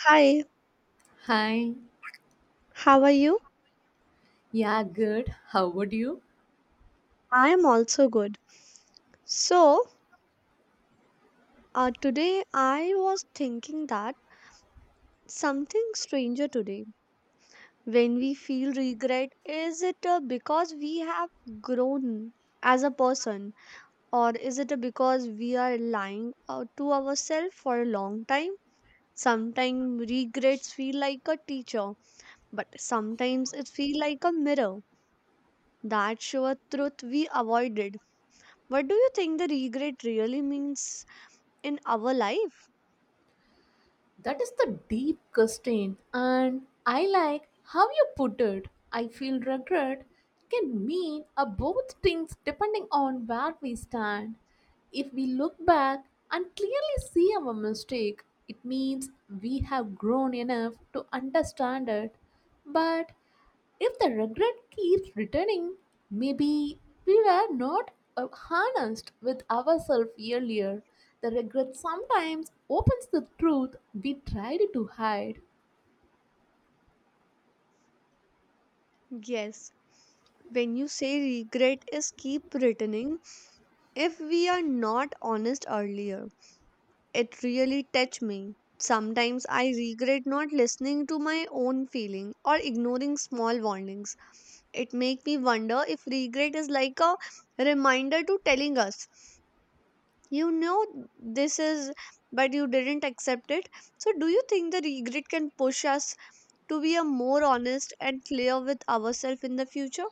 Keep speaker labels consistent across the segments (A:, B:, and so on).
A: Hi,
B: Hi,
A: how are you?
B: yeah, good. How would you?
A: I am also good. So, today I was thinking that something stranger today. When we feel regret, is it because we have grown as a person, or is it because we are lying to ourselves for a long time? Sometimes regrets feel like a teacher, but sometimes it feel like a mirror that show a truth we avoided. What do you think the regret really means in our life?
B: That is the deep question, and I like how you put it. I feel regret can mean a both things depending on where we stand. If we look back and clearly see our mistake, it means we have grown enough to understand it. But if the regret keeps returning, maybe we were not harnessed with ourselves earlier. The regret sometimes opens the truth we tried to hide.
A: Yes. When you say regret is keep returning, if we are not honest earlier, it really touch me. Sometimes I regret not listening to my own feeling or ignoring small warnings. It make me wonder if regret is like a reminder to telling us, you know this is but you didn't accept it. So do you think the regret can push us to be a more honest and clear with ourselves in the future?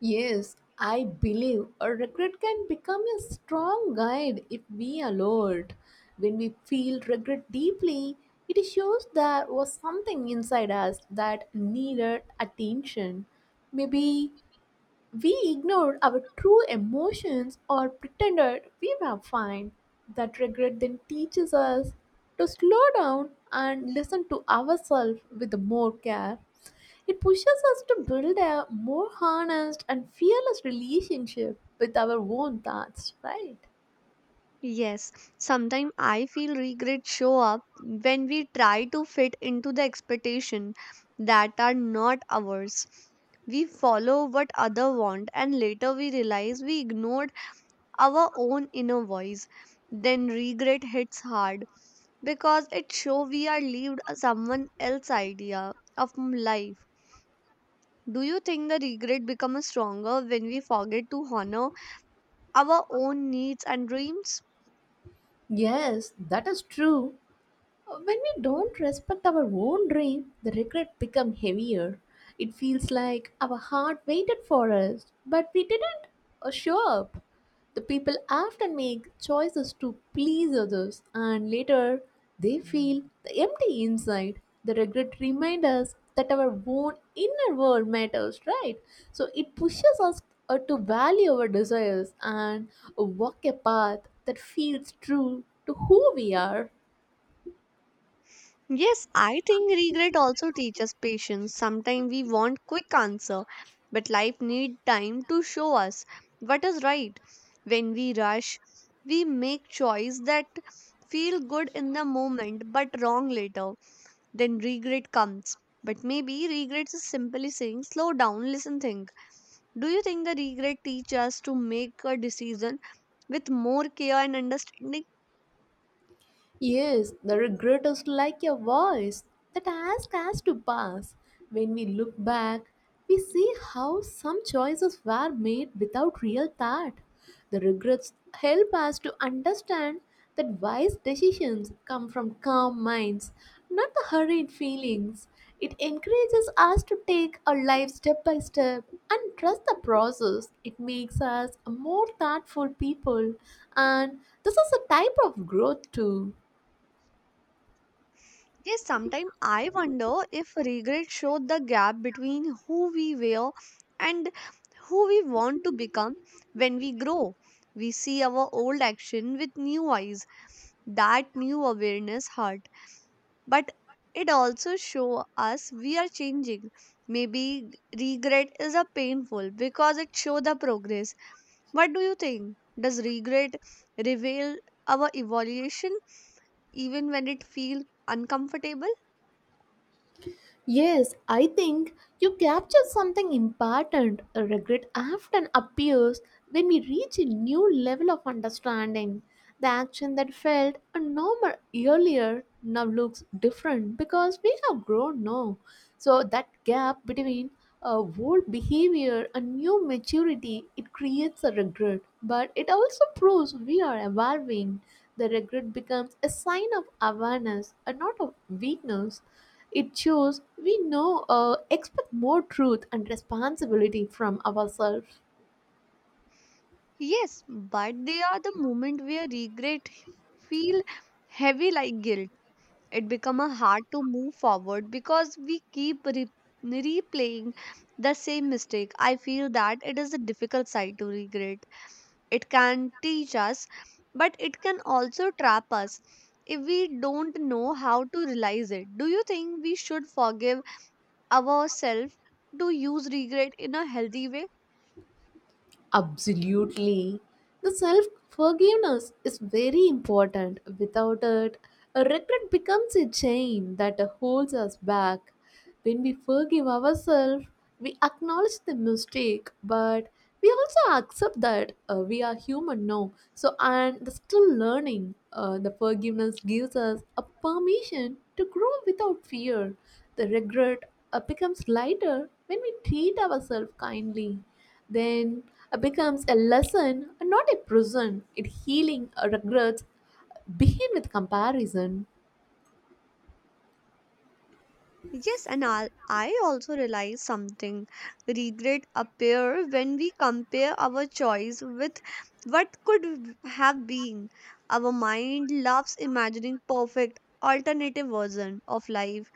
B: Yes, I believe a regret can become a strong guide if we are alert. When we feel regret deeply, it shows there was something inside us that needed attention. Maybe we ignored our true emotions or pretended we were fine. That regret then teaches us to slow down and listen to ourselves with more care. It pushes us to build a more honest and fearless relationship with our own thoughts, right?
A: Yes, sometimes I feel regret show up when we try to fit into the expectation that are not ours. We follow what other want and later we realize we ignored our own inner voice. Then regret hits hard because it show we are lived someone else's idea of life. Do you think the regret becomes stronger when we forget to honor our own needs and dreams?
B: Yes, that is true. When we don't respect our own dream, the regret become heavier. It feels like our heart waited for us, but we didn't show up. The people often make choices to please others, and later they feel the empty inside. The regret reminds us that our own inner world matters, right? So it pushes us to value our desires and walk a path that feels true to who we are.
A: Yes, I think regret also teaches patience. Sometimes we want quick answer, but life need time to show us what is right. When we rush, we make choice that feel good in the moment but wrong later. Then regret comes. But maybe regret is simply saying slow down, listen, think. Do you think the regret teach us to make a decision with more care and understanding?
B: Yes, the regret is like a voice that asks us to pass. When we look back, we see how some choices were made without real thought. The regrets help us to understand that wise decisions come from calm minds, not the hurried feelings. It encourages us to take our life step by step and trust the process. It makes us more thoughtful people, and this is a type of growth too.
A: Yes, sometimes I wonder if regret showed the gap between who we were and who we want to become when we grow. We see our old action with new eyes. That new awareness hurt, but it also show us we are changing. Maybe regret is a painful because it show the progress. What do you think? Does regret reveal our evaluation even when it feel uncomfortable?
B: Yes, I think you captured something important. Regret often appears when we reach a new level of understanding. The action that felt normal earlier now looks different because we have grown now. So that gap between old behavior and new maturity it creates a regret, but it also proves we are evolving. The regret becomes a sign of awareness and not of weakness it shows we know expect more truth and responsibility from ourselves.
A: Yes, but they are the moment where regret feel heavy like guilt. It become a hard to move forward because we keep replaying the same mistake. I feel that it is a difficult side to regret. It can teach us, but it can also trap us if we don't know how to realize it. Do you think we should forgive ourselves to use regret in a healthy way?
B: Absolutely. The self forgiveness is very important. Without it, a regret becomes a chain that holds us back. When we forgive ourselves, we acknowledge the mistake, but we also accept that we are human now. So, and the still learning, the forgiveness gives us a permission to grow without fear. The regret becomes lighter when we treat ourselves kindly then it becomes a lesson, not a prison. It healing regrets begin with comparison.
A: Yes, and I also realize something. Regret appear when we compare our choice with what could have been. Our mind loves imagining perfect alternative version of life,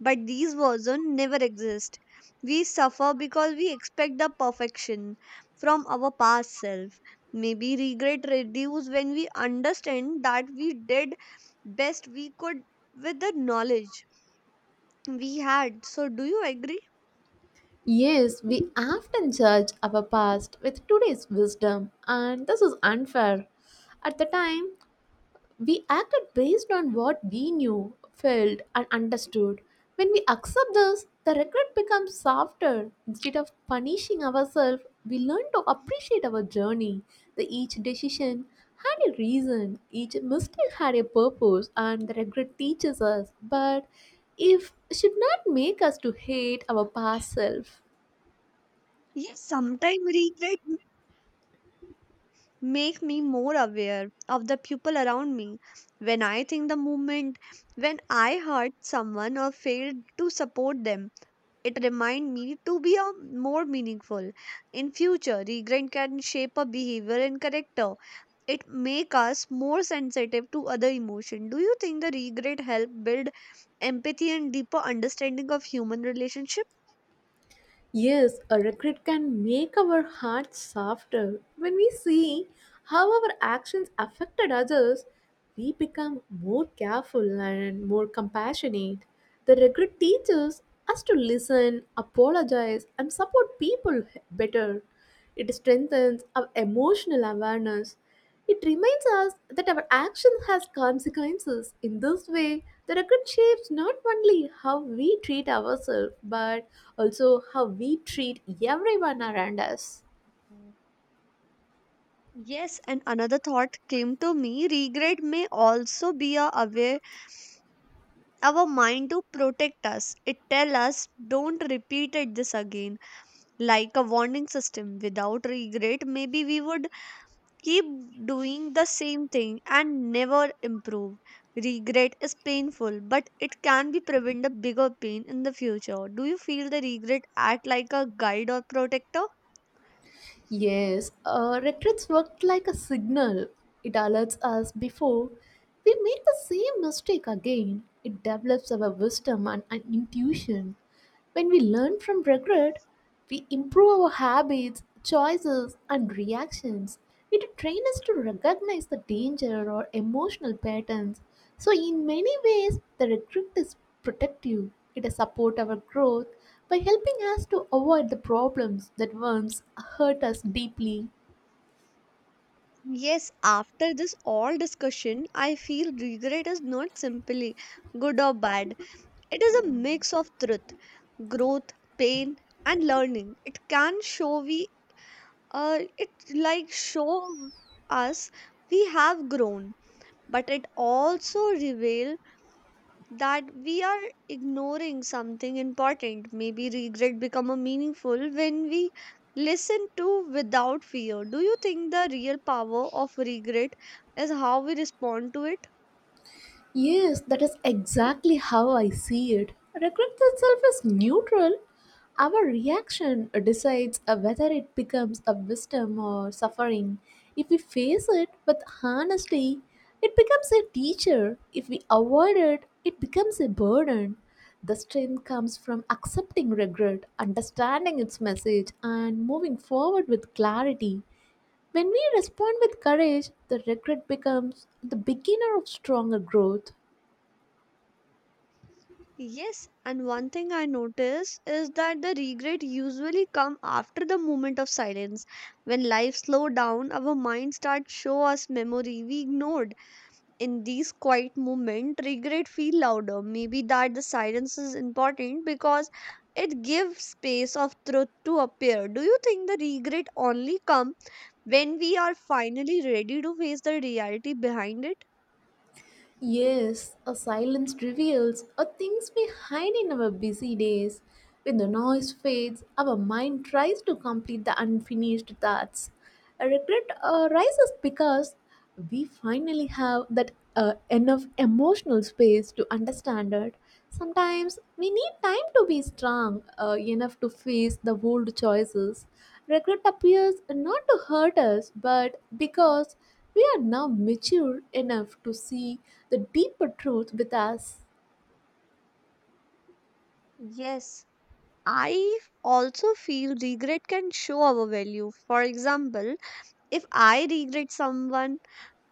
A: but these version never exist. We suffer because we expect the perfection from our past self. Maybe regret reduce when we understand that we did best we could with the knowledge we had. So, do you agree?
B: Yes, we often judge our past with today's wisdom, and this is unfair. At the time, we acted based on what we knew, felt, and understood. When we accept this, the regret becomes softer. Instead of punishing ourselves, we learn to appreciate our journey. The each decision had a reason, each mistake had a purpose, and the regret teaches us, but if should not make us to hate our past self.
A: Yes, sometimes regret make me more aware of the people around me. When I think the moment when I hurt someone or failed to support them, it remind me to be a more meaningful. In future, regret can shape a behavior and character. It make us more sensitive to other emotion. Do you think the regret help build empathy and deeper understanding of human relationship?
B: Yes, a regret can make our hearts softer. When we see how our actions affected others, we become more careful and more compassionate. The regret teaches us to listen, apologize, and support people better. It strengthens our emotional awareness. It reminds us that our action has consequences. In this way, the record shapes not only how we treat ourselves but also how we treat everyone around us.
A: Yes, and another thought came to me. Regret may also be a aware our mind to protect us. It tell us don't repeat it this again, like a warning system. Without regret, maybe we would keep doing the same thing and never improve. Regret is painful, but it can be prevent a bigger pain in the future. Do you feel the regret act like a guide or protector?
B: Yes, regrets work like a signal. It alerts us before we make the same mistake again. It develops our wisdom and intuition. When we learn from regret, we improve our habits, choices, and reactions. It trains us to recognize the danger or emotional patterns. So, in many ways, the regret is protective. It supports our growth by helping us to avoid the problems that once hurt us deeply.
A: Yes, after this all discussion, I feel regret is not simply good or bad. It is a mix of truth, growth, pain, and learning. It can show we, it like show us we have grown, but it also reveal that we are ignoring something important. Maybe regret become a meaningful when we listen to without fear. Do you think the real power of regret is how we respond to it?
B: Yes, that is exactly how I see it. Regret itself is neutral. Our reaction decides whether it becomes a wisdom or suffering. If we face it with honesty, it becomes a teacher. If we avoid it, it becomes a burden. The strength comes from accepting regret, understanding its message, and moving forward with clarity. When we respond with courage, the regret becomes the beginner of stronger growth.
A: Yes, and one thing I notice is that the regret usually come after the moment of silence. When life slow down, our mind starts show us memory we ignored in these quiet moments. Regret feel louder. Maybe that the silence is important because it gives space of truth to appear. Do you think the regret only come when we are finally ready to face the reality behind it?
B: Yes, a silence reveals a things we hide in our busy days. When the noise fades, our mind tries to complete the unfinished thoughts. A regret arises because we finally have that enough emotional space to understand it. Sometimes we need time to be strong enough to face the old choices. Regret appears not to hurt us, but because we are now mature enough to see the deeper truth with us.
A: Yes, I also feel regret can show our value. For example, if I regret someone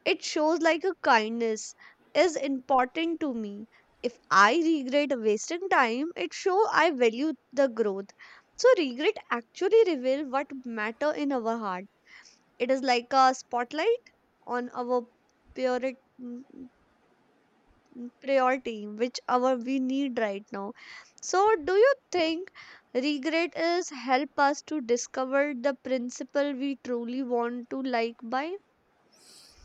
A: It shows like a kindness is important to me. If I regret wasting time, it shows I value the growth. So regret actually reveal what matter in our heart. It is like a spotlight on our priority priority which our we need right now. So do you think regret is help us to discover the principle we truly want to like by?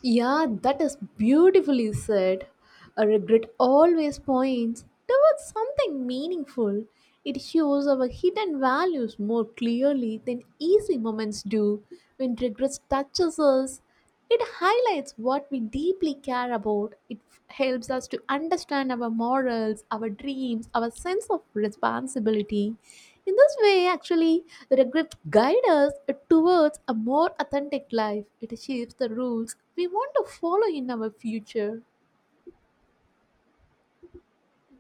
B: Yeah, that is beautifully said. A regret always points towards something meaningful. It shows our hidden values more clearly than easy moments do. When regret touches us, it highlights what we deeply care about. It helps us to understand our morals, our dreams, our sense of responsibility. In this way, actually, regrets guide us towards a more authentic life. It shapes the rules we want to follow in our future.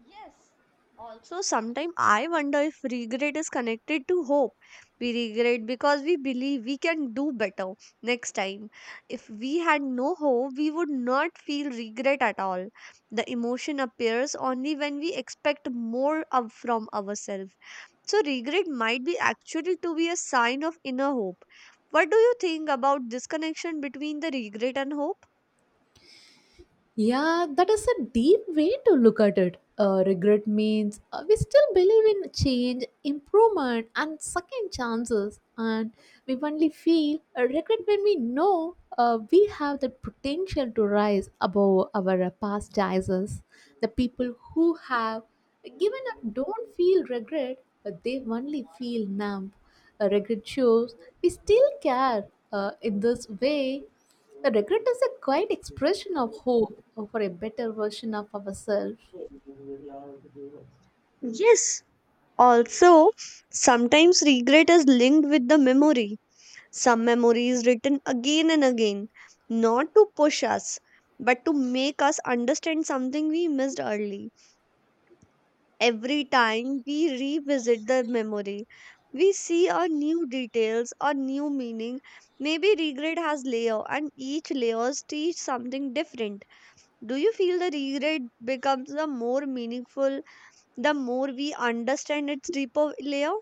A: Yes. Also, sometimes I wonder if regret is connected to hope. We regret because we believe we can do better next time. If we had no hope, we would not feel regret at all. The emotion appears only when we expect more of from ourselves. So, regret might be actually to be a sign of inner hope. What do you think about this connection between the regret and hope?
B: Yeah, that is a deep way to look at it. Regret means we still believe in change, improvement, and second chances, and we only feel a regret when we know we have the potential to rise above our past choices. The people who have given up don't feel regret, but they only feel numb. Regret shows we still care. In this way, the regret is a quiet expression of hope for a better version of ourselves.
A: Yes, also, sometimes regret is linked with the memory. Some memory is written again and again, not to push us, but to make us understand something we missed early. Every time we revisit the memory, we see a new details or new meaning. Maybe regret has layer and each layers teach something different. Do you feel the regret becomes the more meaningful the more we understand its deeper layer?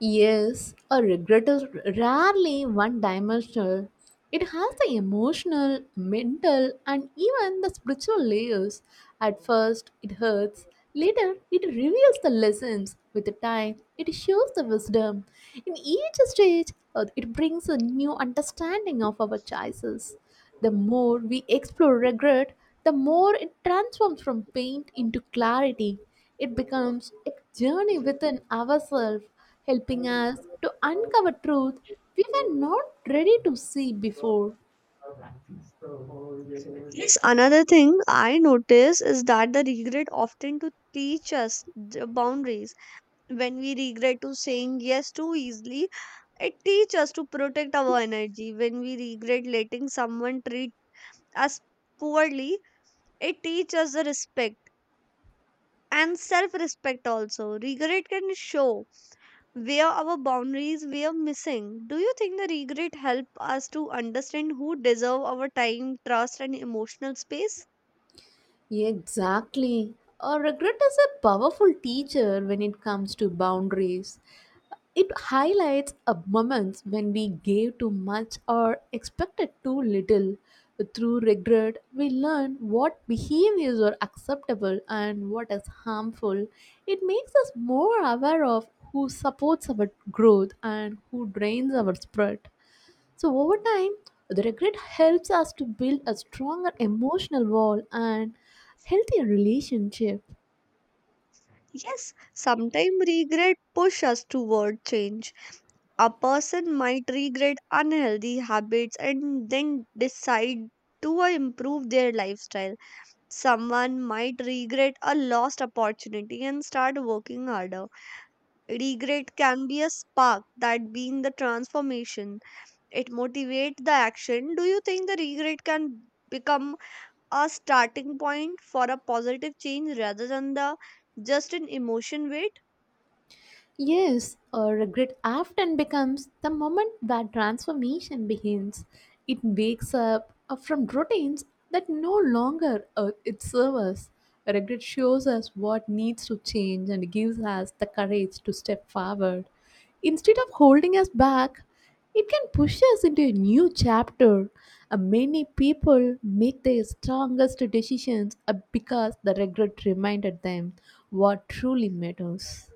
B: Yes, a regret is rarely one dimensional. It has the emotional, mental, and even the spiritual layers. At first, it hurts. Later, it reveals the lessons. With the time, it shows the wisdom. In each stage, it brings a new understanding of our choices. The more we explore regret, the more it transforms from pain into clarity. It becomes a journey within ourselves, helping us to uncover truth we were not ready to see before.
A: Yes, another thing I notice is that the regret often to teach us the boundaries. When we regret to saying yes too easily, it teaches us to protect our energy. When we regret letting someone treat us poorly, it teaches us the respect and self-respect also. Regret can show where our boundaries were missing. Do you think the regret help us to understand who deserve our time, trust, and emotional space?
B: Exactly. A regret is a powerful teacher when it comes to boundaries. It highlights a moments when we gave too much or expected too little. Through regret, we learn what behaviors are acceptable and what is harmful. It makes us more aware of who supports our growth and who drains our spirit. So, over time, the regret helps us to build a stronger emotional wall and healthier relationship.
A: Yes, sometimes regret push us toward change. A person might regret unhealthy habits and then decide to improve their lifestyle. Someone might regret a lost opportunity and start working harder. Regret can be a spark that being the transformation. It motivates the action. Do you think the regret can become a starting point for a positive change rather than the just an emotion weight?
B: Yes, regret often becomes the moment where transformation begins. It wakes up from routines that no longer it serves. Regret shows us what needs to change and gives us the courage to step forward. Instead of holding us back, it can push us into a new chapter. Many people make their strongest decisions because the regret reminded them what truly matters.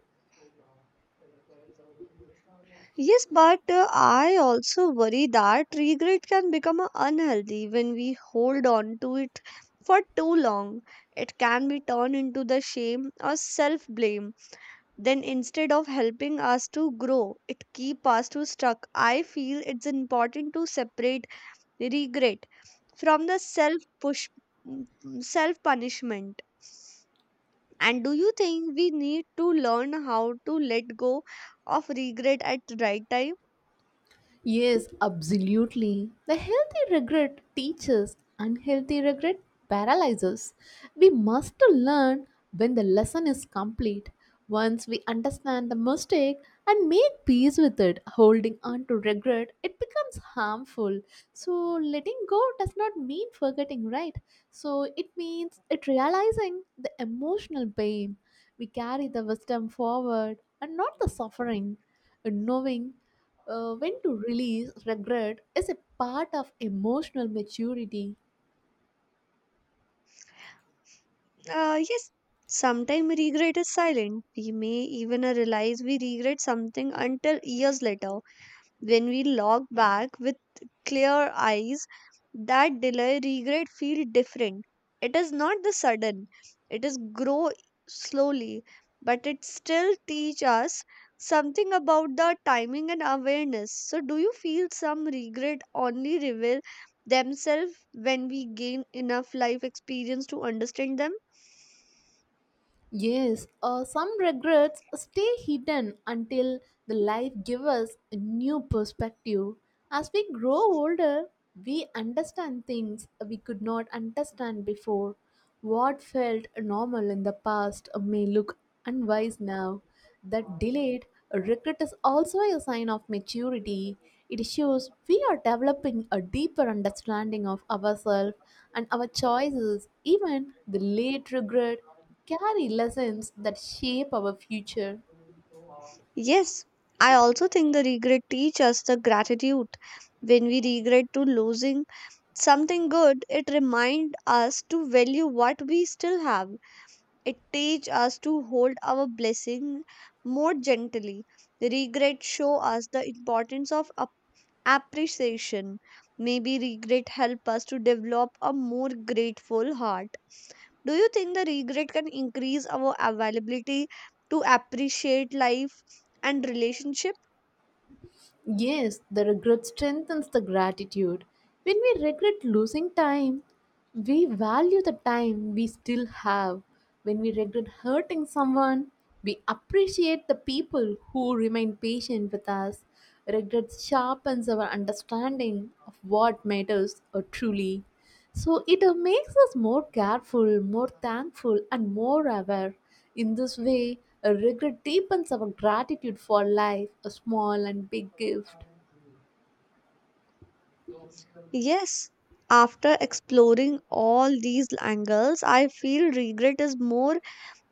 A: Yes, but I also worry that regret can become unhealthy when we hold on to it for too long. It can be turned into the shame or self blame. Then instead of helping us to grow, it keep us to stuck. I feel it's important to separate regret from the push self punishment. And do you think we need to learn how to let go of regret at the right time?
B: Yes, absolutely. The healthy regret teaches, unhealthy regret paralyzes. We must learn when the lesson is complete. Once we understand the mistake and make peace with it, holding on to regret, it becomes harmful. So, letting go does not mean forgetting, right? So, it means it realizing the emotional pain. We carry the wisdom forward and not the suffering. And knowing when to release regret is a part of emotional maturity.
A: Yes, sometimes regret is silent. We may even realize we regret something until years later. When we log back with clear eyes, that delay regret feel different. It is not the sudden, it is grow slowly, but it still teach us something about the timing and awareness. So do you feel some regret only reveal themselves when we gain enough life experience to understand them?
B: Yes, some regrets stay hidden until the life gives us a new perspective. As we grow older, we understand things we could not understand before. What felt normal in the past may look unwise now. That delayed regret is also a sign of maturity. It shows we are developing a deeper understanding of ourselves and our choices. Even the late regret carry lessons that shape our future.
A: Yes, I also think the regret teaches us the gratitude. When we regret to losing something good, it reminds us to value what we still have. It teaches us to hold our blessing more gently. Regret show us the importance of appreciation. Maybe regret help us to develop a more grateful heart. Do you think the regret can increase our availability to appreciate life and relationship?
B: Yes, the regret strengthens the gratitude. When we regret losing time, we value the time we still have. When we regret hurting someone, we appreciate the people who remain patient with us. Regret sharpens our understanding of what matters truly. So it makes us more careful, more thankful, and more aware. In this way, a regret deepens our gratitude for life, a small and big gift.
A: Yes, after exploring all these angles, I feel regret is more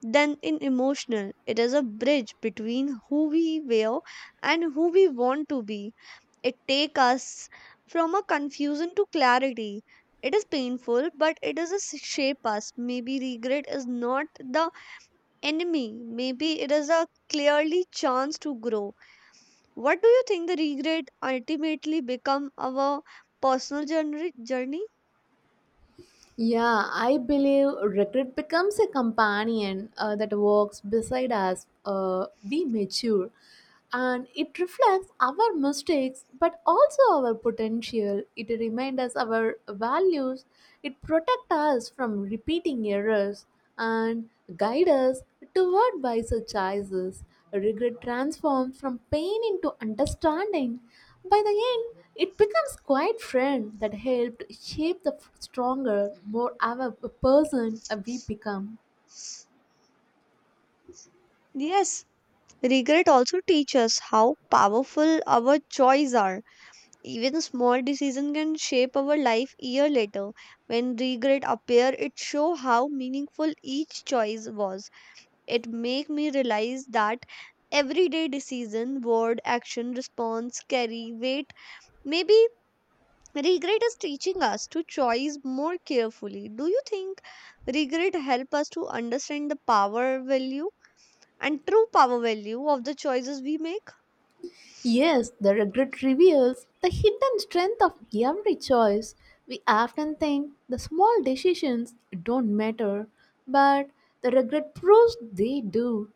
A: than in emotional. It is a bridge between who we were and who we want to be. It takes us from a confusion to clarity. It is painful, but it is a shape us. Maybe regret is not the enemy. Maybe it is a clearly chance to grow. What do you think the regret ultimately become our personal journey?
B: Yeah, I believe regret becomes a companion that walks beside us. We mature and it reflects our mistakes but also our potential. It reminds us our values, it protects us from repeating errors and guides us toward wiser choices. Regret transforms from pain into understanding. By the end, it becomes quite friend that helped shape the stronger, more aware person we become.
A: Yes, regret also teaches us how powerful our choices are. Even a small decision can shape our life year later. When regret appear, it show how meaningful each choice was. It make me realize that everyday decision, word, action, response carry weight. Maybe regret is teaching us to choose more carefully. Do you think regret help us to understand the power value and true power value of the choices we make?
B: Yes, the regret reveals the hidden strength of every choice. We often think the small decisions don't matter, but the regret proves they do.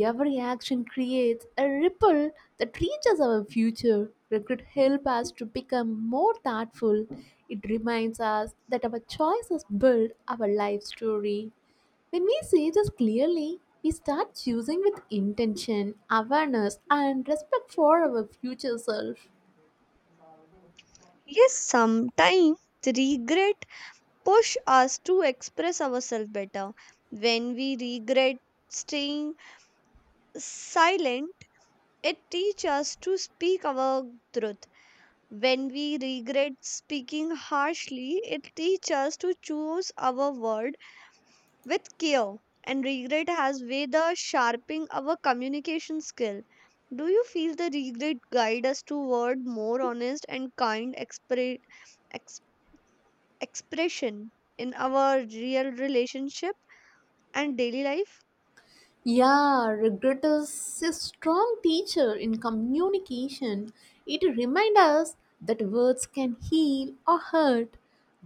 B: Every action creates a ripple that reaches our future. Regret helps us to become more thoughtful. It reminds us that our choices build our life story. When we see this clearly, we start choosing with intention, awareness, and respect for our future self.
A: Yes, sometimes regret push us to express ourselves better. When we regret staying silent, it teaches us to speak our truth. When we regret speaking harshly, it teaches us to choose our word, with care. And regret has whether sharpening our communication skill. Do you feel the regret guide us toward more honest and kind ex- expression in our real relationship and daily life?
B: Yeah, regret is a strong teacher in communication. It reminds us that words can heal or hurt.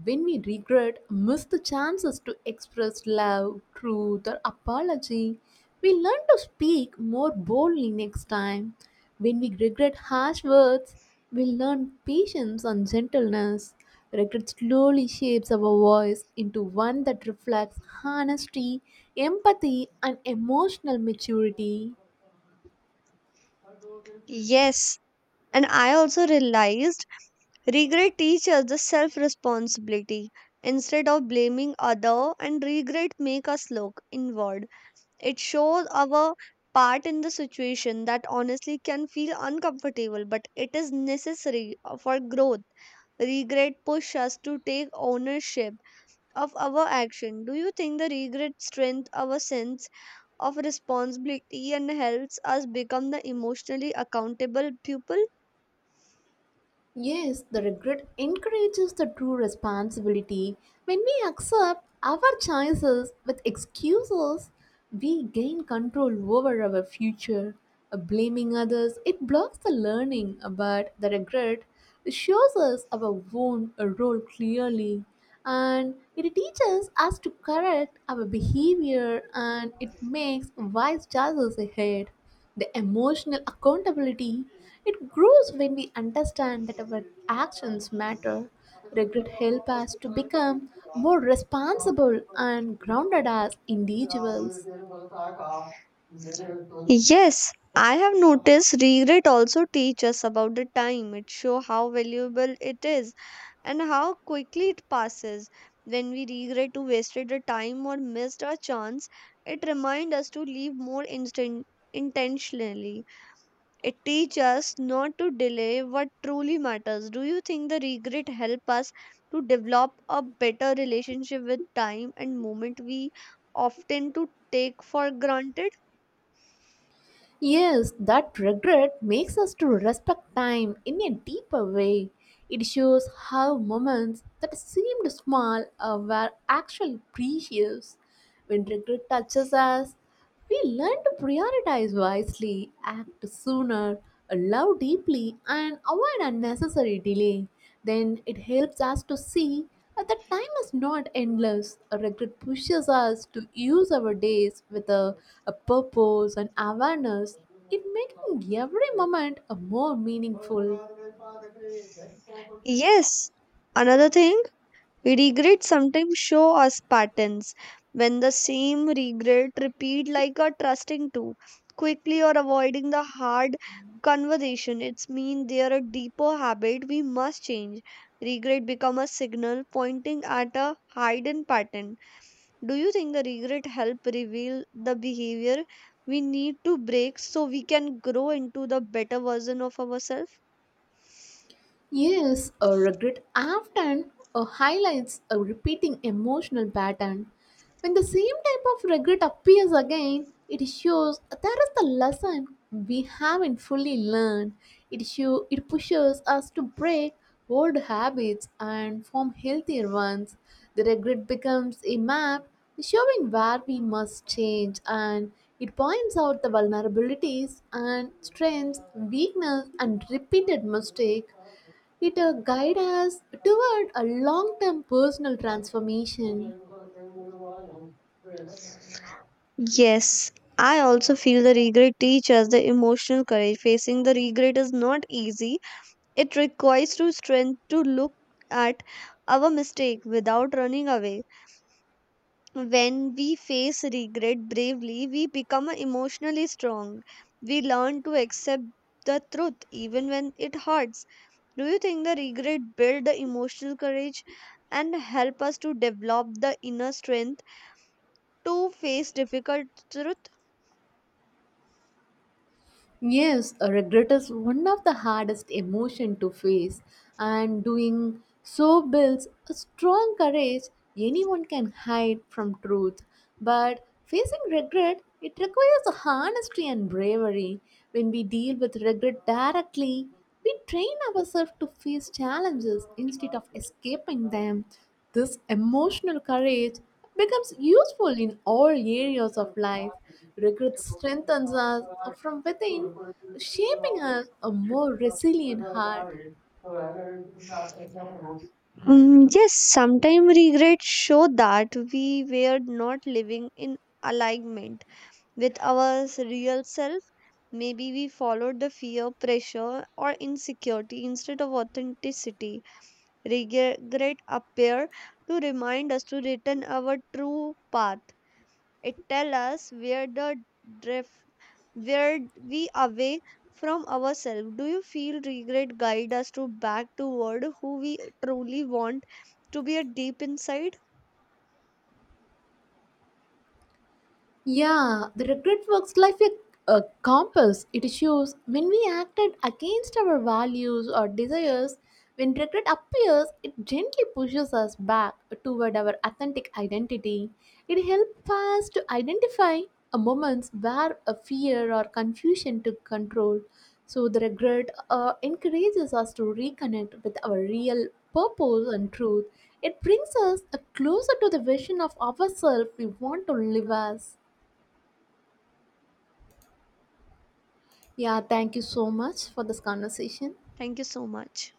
B: When we regret, miss the chances to express love, truth, or apology. We learn to speak more boldly next time. When we regret harsh words, we learn patience and gentleness. Regret slowly shapes our voice into one that reflects honesty, empathy, and emotional maturity.
A: Yes, and I also realized regret teaches the self responsibility. Instead of blaming other and regret make us look inward. It shows our part in the situation that honestly can feel uncomfortable, but it is necessary for growth. Regret push us to take ownership of our action. Do you think the regret strength our sense of responsibility and helps us become the emotionally accountable pupil?
B: Yes, the regret encourages the true responsibility. When we accept our choices with excuses, we gain control over our future. Blaming others, it blocks the learning, but the regret shows us our own role clearly and it teaches us to correct our behavior and it makes wise choices ahead the emotional accountability it grows when we understand that our actions matter regret help us to become more responsible and grounded as individuals.
A: Yes, I have noticed regret also teach us about the time. It show how valuable it is and how quickly it passes. When we regret to wasted a time or missed a chance, it reminds us to live more instant intentionally. It teaches us not to delay what truly matters. Do you think the regret help us to develop a better relationship with time and moment we often to take for granted?
B: Yes, that regret makes us to respect time in a deeper way. It shows how moments that seemed small were actually precious. When regret touches us, we learn to prioritize wisely, act sooner, love deeply, and avoid unnecessary delay. Then it helps us to see the time is not endless. A regret pushes us to use our days with a purpose and awareness, it making every moment a more meaningful.
A: Yes. Another thing. Regrets sometimes show us patterns when the same regret repeat like a trusting to quickly or avoiding the hard conversation. It's mean there a deeper habit we must change. Regret become a signal pointing at a hidden pattern. Do you think the regret help reveal the behavior we need to break so we can grow into the better version of ourselves?
B: Yes, a regret often highlights a repeating emotional pattern. When the same type of regret appears again, it shows there is the lesson we haven't fully learned. It pushes us to break old habits and form healthier ones. The regret becomes a map showing where we must change and it points out the vulnerabilities and strengths, weakness and repeated mistake it guides us toward a long term personal transformation.
A: Yes, I also feel the regret teaches the emotional courage. Facing the regret is not easy. It requires to strength to look at our mistake without running away. When we face regret bravely, we become emotionally strong. We learn to accept the truth even when it hurts. Do you think the regret build the emotional courage and help us to develop the inner strength to face difficult truth?
B: Yes, a regret is one of the hardest emotion to face, and doing so builds a strong courage anyone can hide from truth. But facing regret, it requires honesty and bravery. When we deal with regret directly, we train ourselves to face challenges instead of escaping them. This emotional courage becomes useful in all areas of life. Regret strengthens us from within, shaping us a more resilient heart.
A: Mm, yes, sometimes regrets show that we were not living in alignment with our real self. Maybe we followed the fear, pressure, or insecurity instead of authenticity. Regret appear to remind us to return our true path. It tells us where the drift where we away from ourselves. Do you feel regret guide us to back toward who we truly want to be a deep inside?
B: Yeah, the regret works like a compass. It shows when we acted against our values or desires. When regret appears, it gently pushes us back toward our authentic identity. It helps us to identify a moments where a fear or confusion took control. So the regret encourages us to reconnect with our real purpose and truth. It brings us closer to the vision of ourselves we want to live as. Yeah, thank you so much for this conversation.
A: Thank you so much.